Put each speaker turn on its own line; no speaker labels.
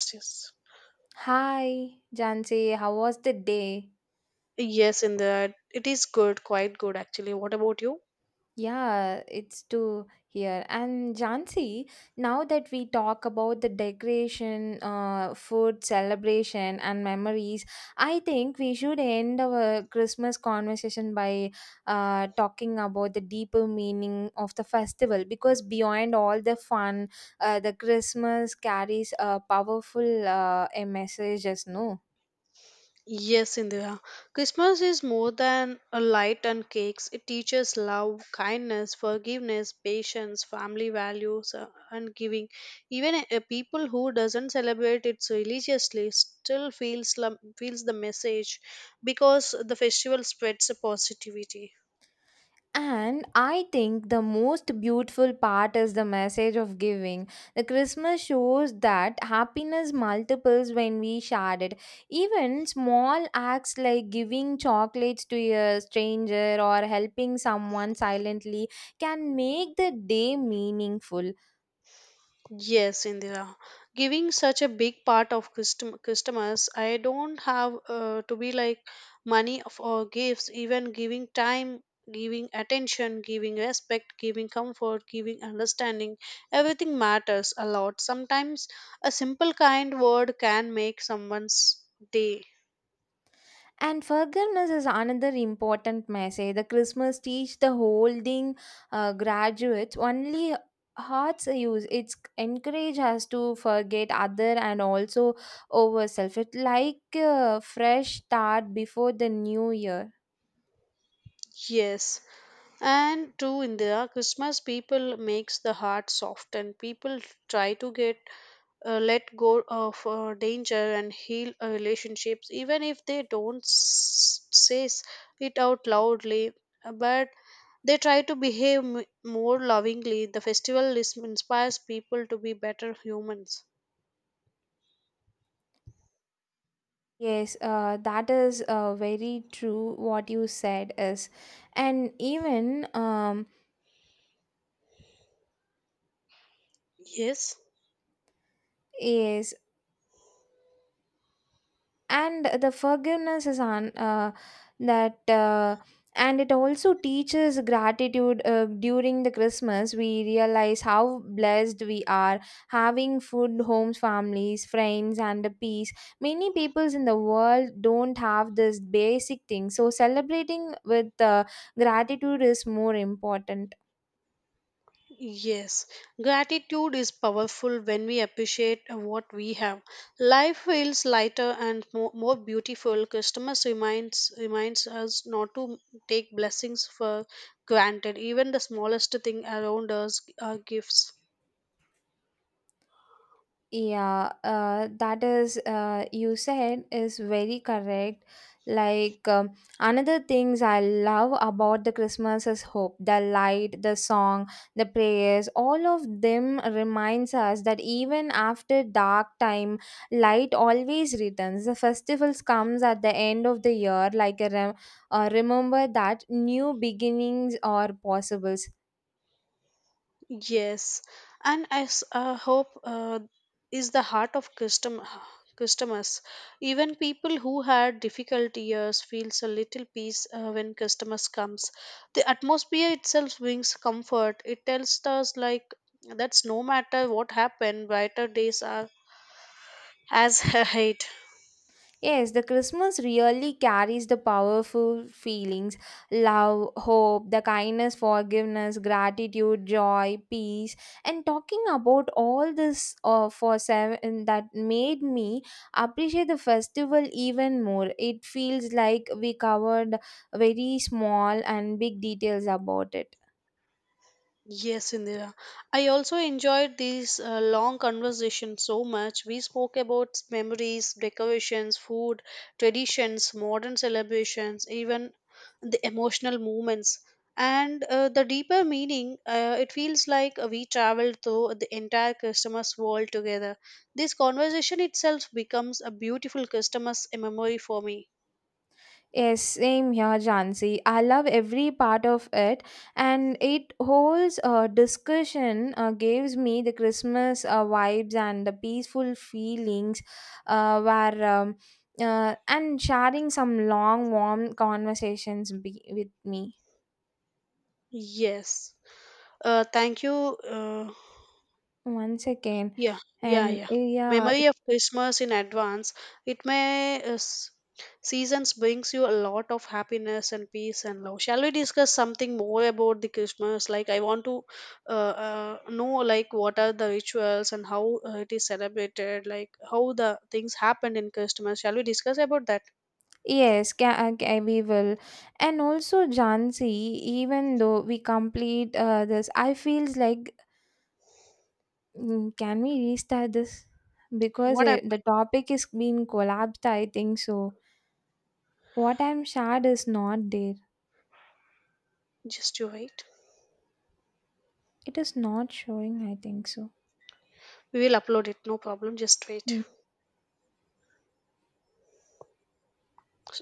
Yes,
Hi, Jansi. How was the day?
yes, Indira, it is good, quite good actually. What about you?
Yeah, it's too here. And Jansi, now that we talk about the decoration, food, celebration, and memories, I think we should end our Christmas conversation by talking about the deeper meaning of the festival because beyond all the fun, the Christmas carries a powerful a message, as no.
Yes, Indira. Christmas is more than a light and cakes. It teaches love, kindness, forgiveness, patience, family values, and giving. Even a people who doesn't celebrate it religiously still feels feels the message because the festival spreads a positivity.
And I think the most beautiful part is the message of giving. The Christmas shows that happiness multiples when we share it. Even small acts like giving chocolates to a stranger or helping someone silently can make the day meaningful.
Yes, Indira. Giving such a big part of customers, I don't have to be like money for gifts, even giving time, giving attention, giving respect, giving comfort, giving understanding. Everything matters a lot. Sometimes a simple kind word can make someone's day.
And forgiveness is another important message. The Christmas teach the holding graduates only hearts use. It's encourage us to forget other and also ourselves. It like a fresh start before the new year.
Yes. And true India, Christmas people makes the heart soft and people try to get let go of danger and heal relationships even if they don't say it out loudly but they try to behave more lovingly the festival inspires people to be better humans
Yes, that is very true. What you said is, and even
yes.
yes, and the forgiveness is on that and it also teaches gratitude during the Christmas we realize how blessed we are having food, homes, families, friends, and a peace. Many peoples in the world don't have this basic thing, so celebrating with gratitude is more important.
Yes, gratitude is powerful when we appreciate what we have. Life feels lighter and more beautiful. Customers reminds us not to take blessings for granted. Even the smallest thing around us are gifts.
Yeah, that is, you said is very correct. Like, another things I love about the Christmas is hope. The light, the song, the prayers, all of them reminds us that even after dark time, light always returns. The festivals comes at the end of the year, like a remember that new beginnings are possible.
Yes, and as hope is the heart of customers. Even people who had difficult years feels a little peace when customers comes. The atmosphere itself brings comfort. It tells us like that's no matter what happened, brighter days are as ahead.
Yes, the Christmas really carries the powerful feelings: love, hope, the kindness, forgiveness, gratitude, joy, peace. And talking about all this for seven that made me appreciate the festival even more. It feels like we covered very small and big details about it.
Yes, Indira. I also enjoyed these long conversations so much. We spoke about memories, decorations, food, traditions, modern celebrations, even the emotional moments. And the deeper meaning, it feels like we traveled through the entire customer's world together. This conversation itself becomes a beautiful customer's memory for me.
Yes, same here, Jansi. I love every part of it, and it holds a discussion, gives me the Christmas vibes and the peaceful feelings, where and sharing some long, warm conversations with me
Yes. Thank you.
once again,
Yeah, yeah,
and
yeah.
yeah.
Memory of Christmas in advance. It may seasons brings you a lot of happiness and peace and love. Shall we discuss something more about the Christmas? Like I want to know like what are the rituals and how it is celebrated. Like how the things happened in Christmas. Shall we discuss about that?
Yes, we will. And also, Jansi, even though we complete this, I feels like, can we restart this? Because
What
the
happened?
topic is being collapsed, I think so. What I'm shared is not there.
Just you wait.
It is not showing, I think so.
We will upload it. No problem. Just wait.
Hmm.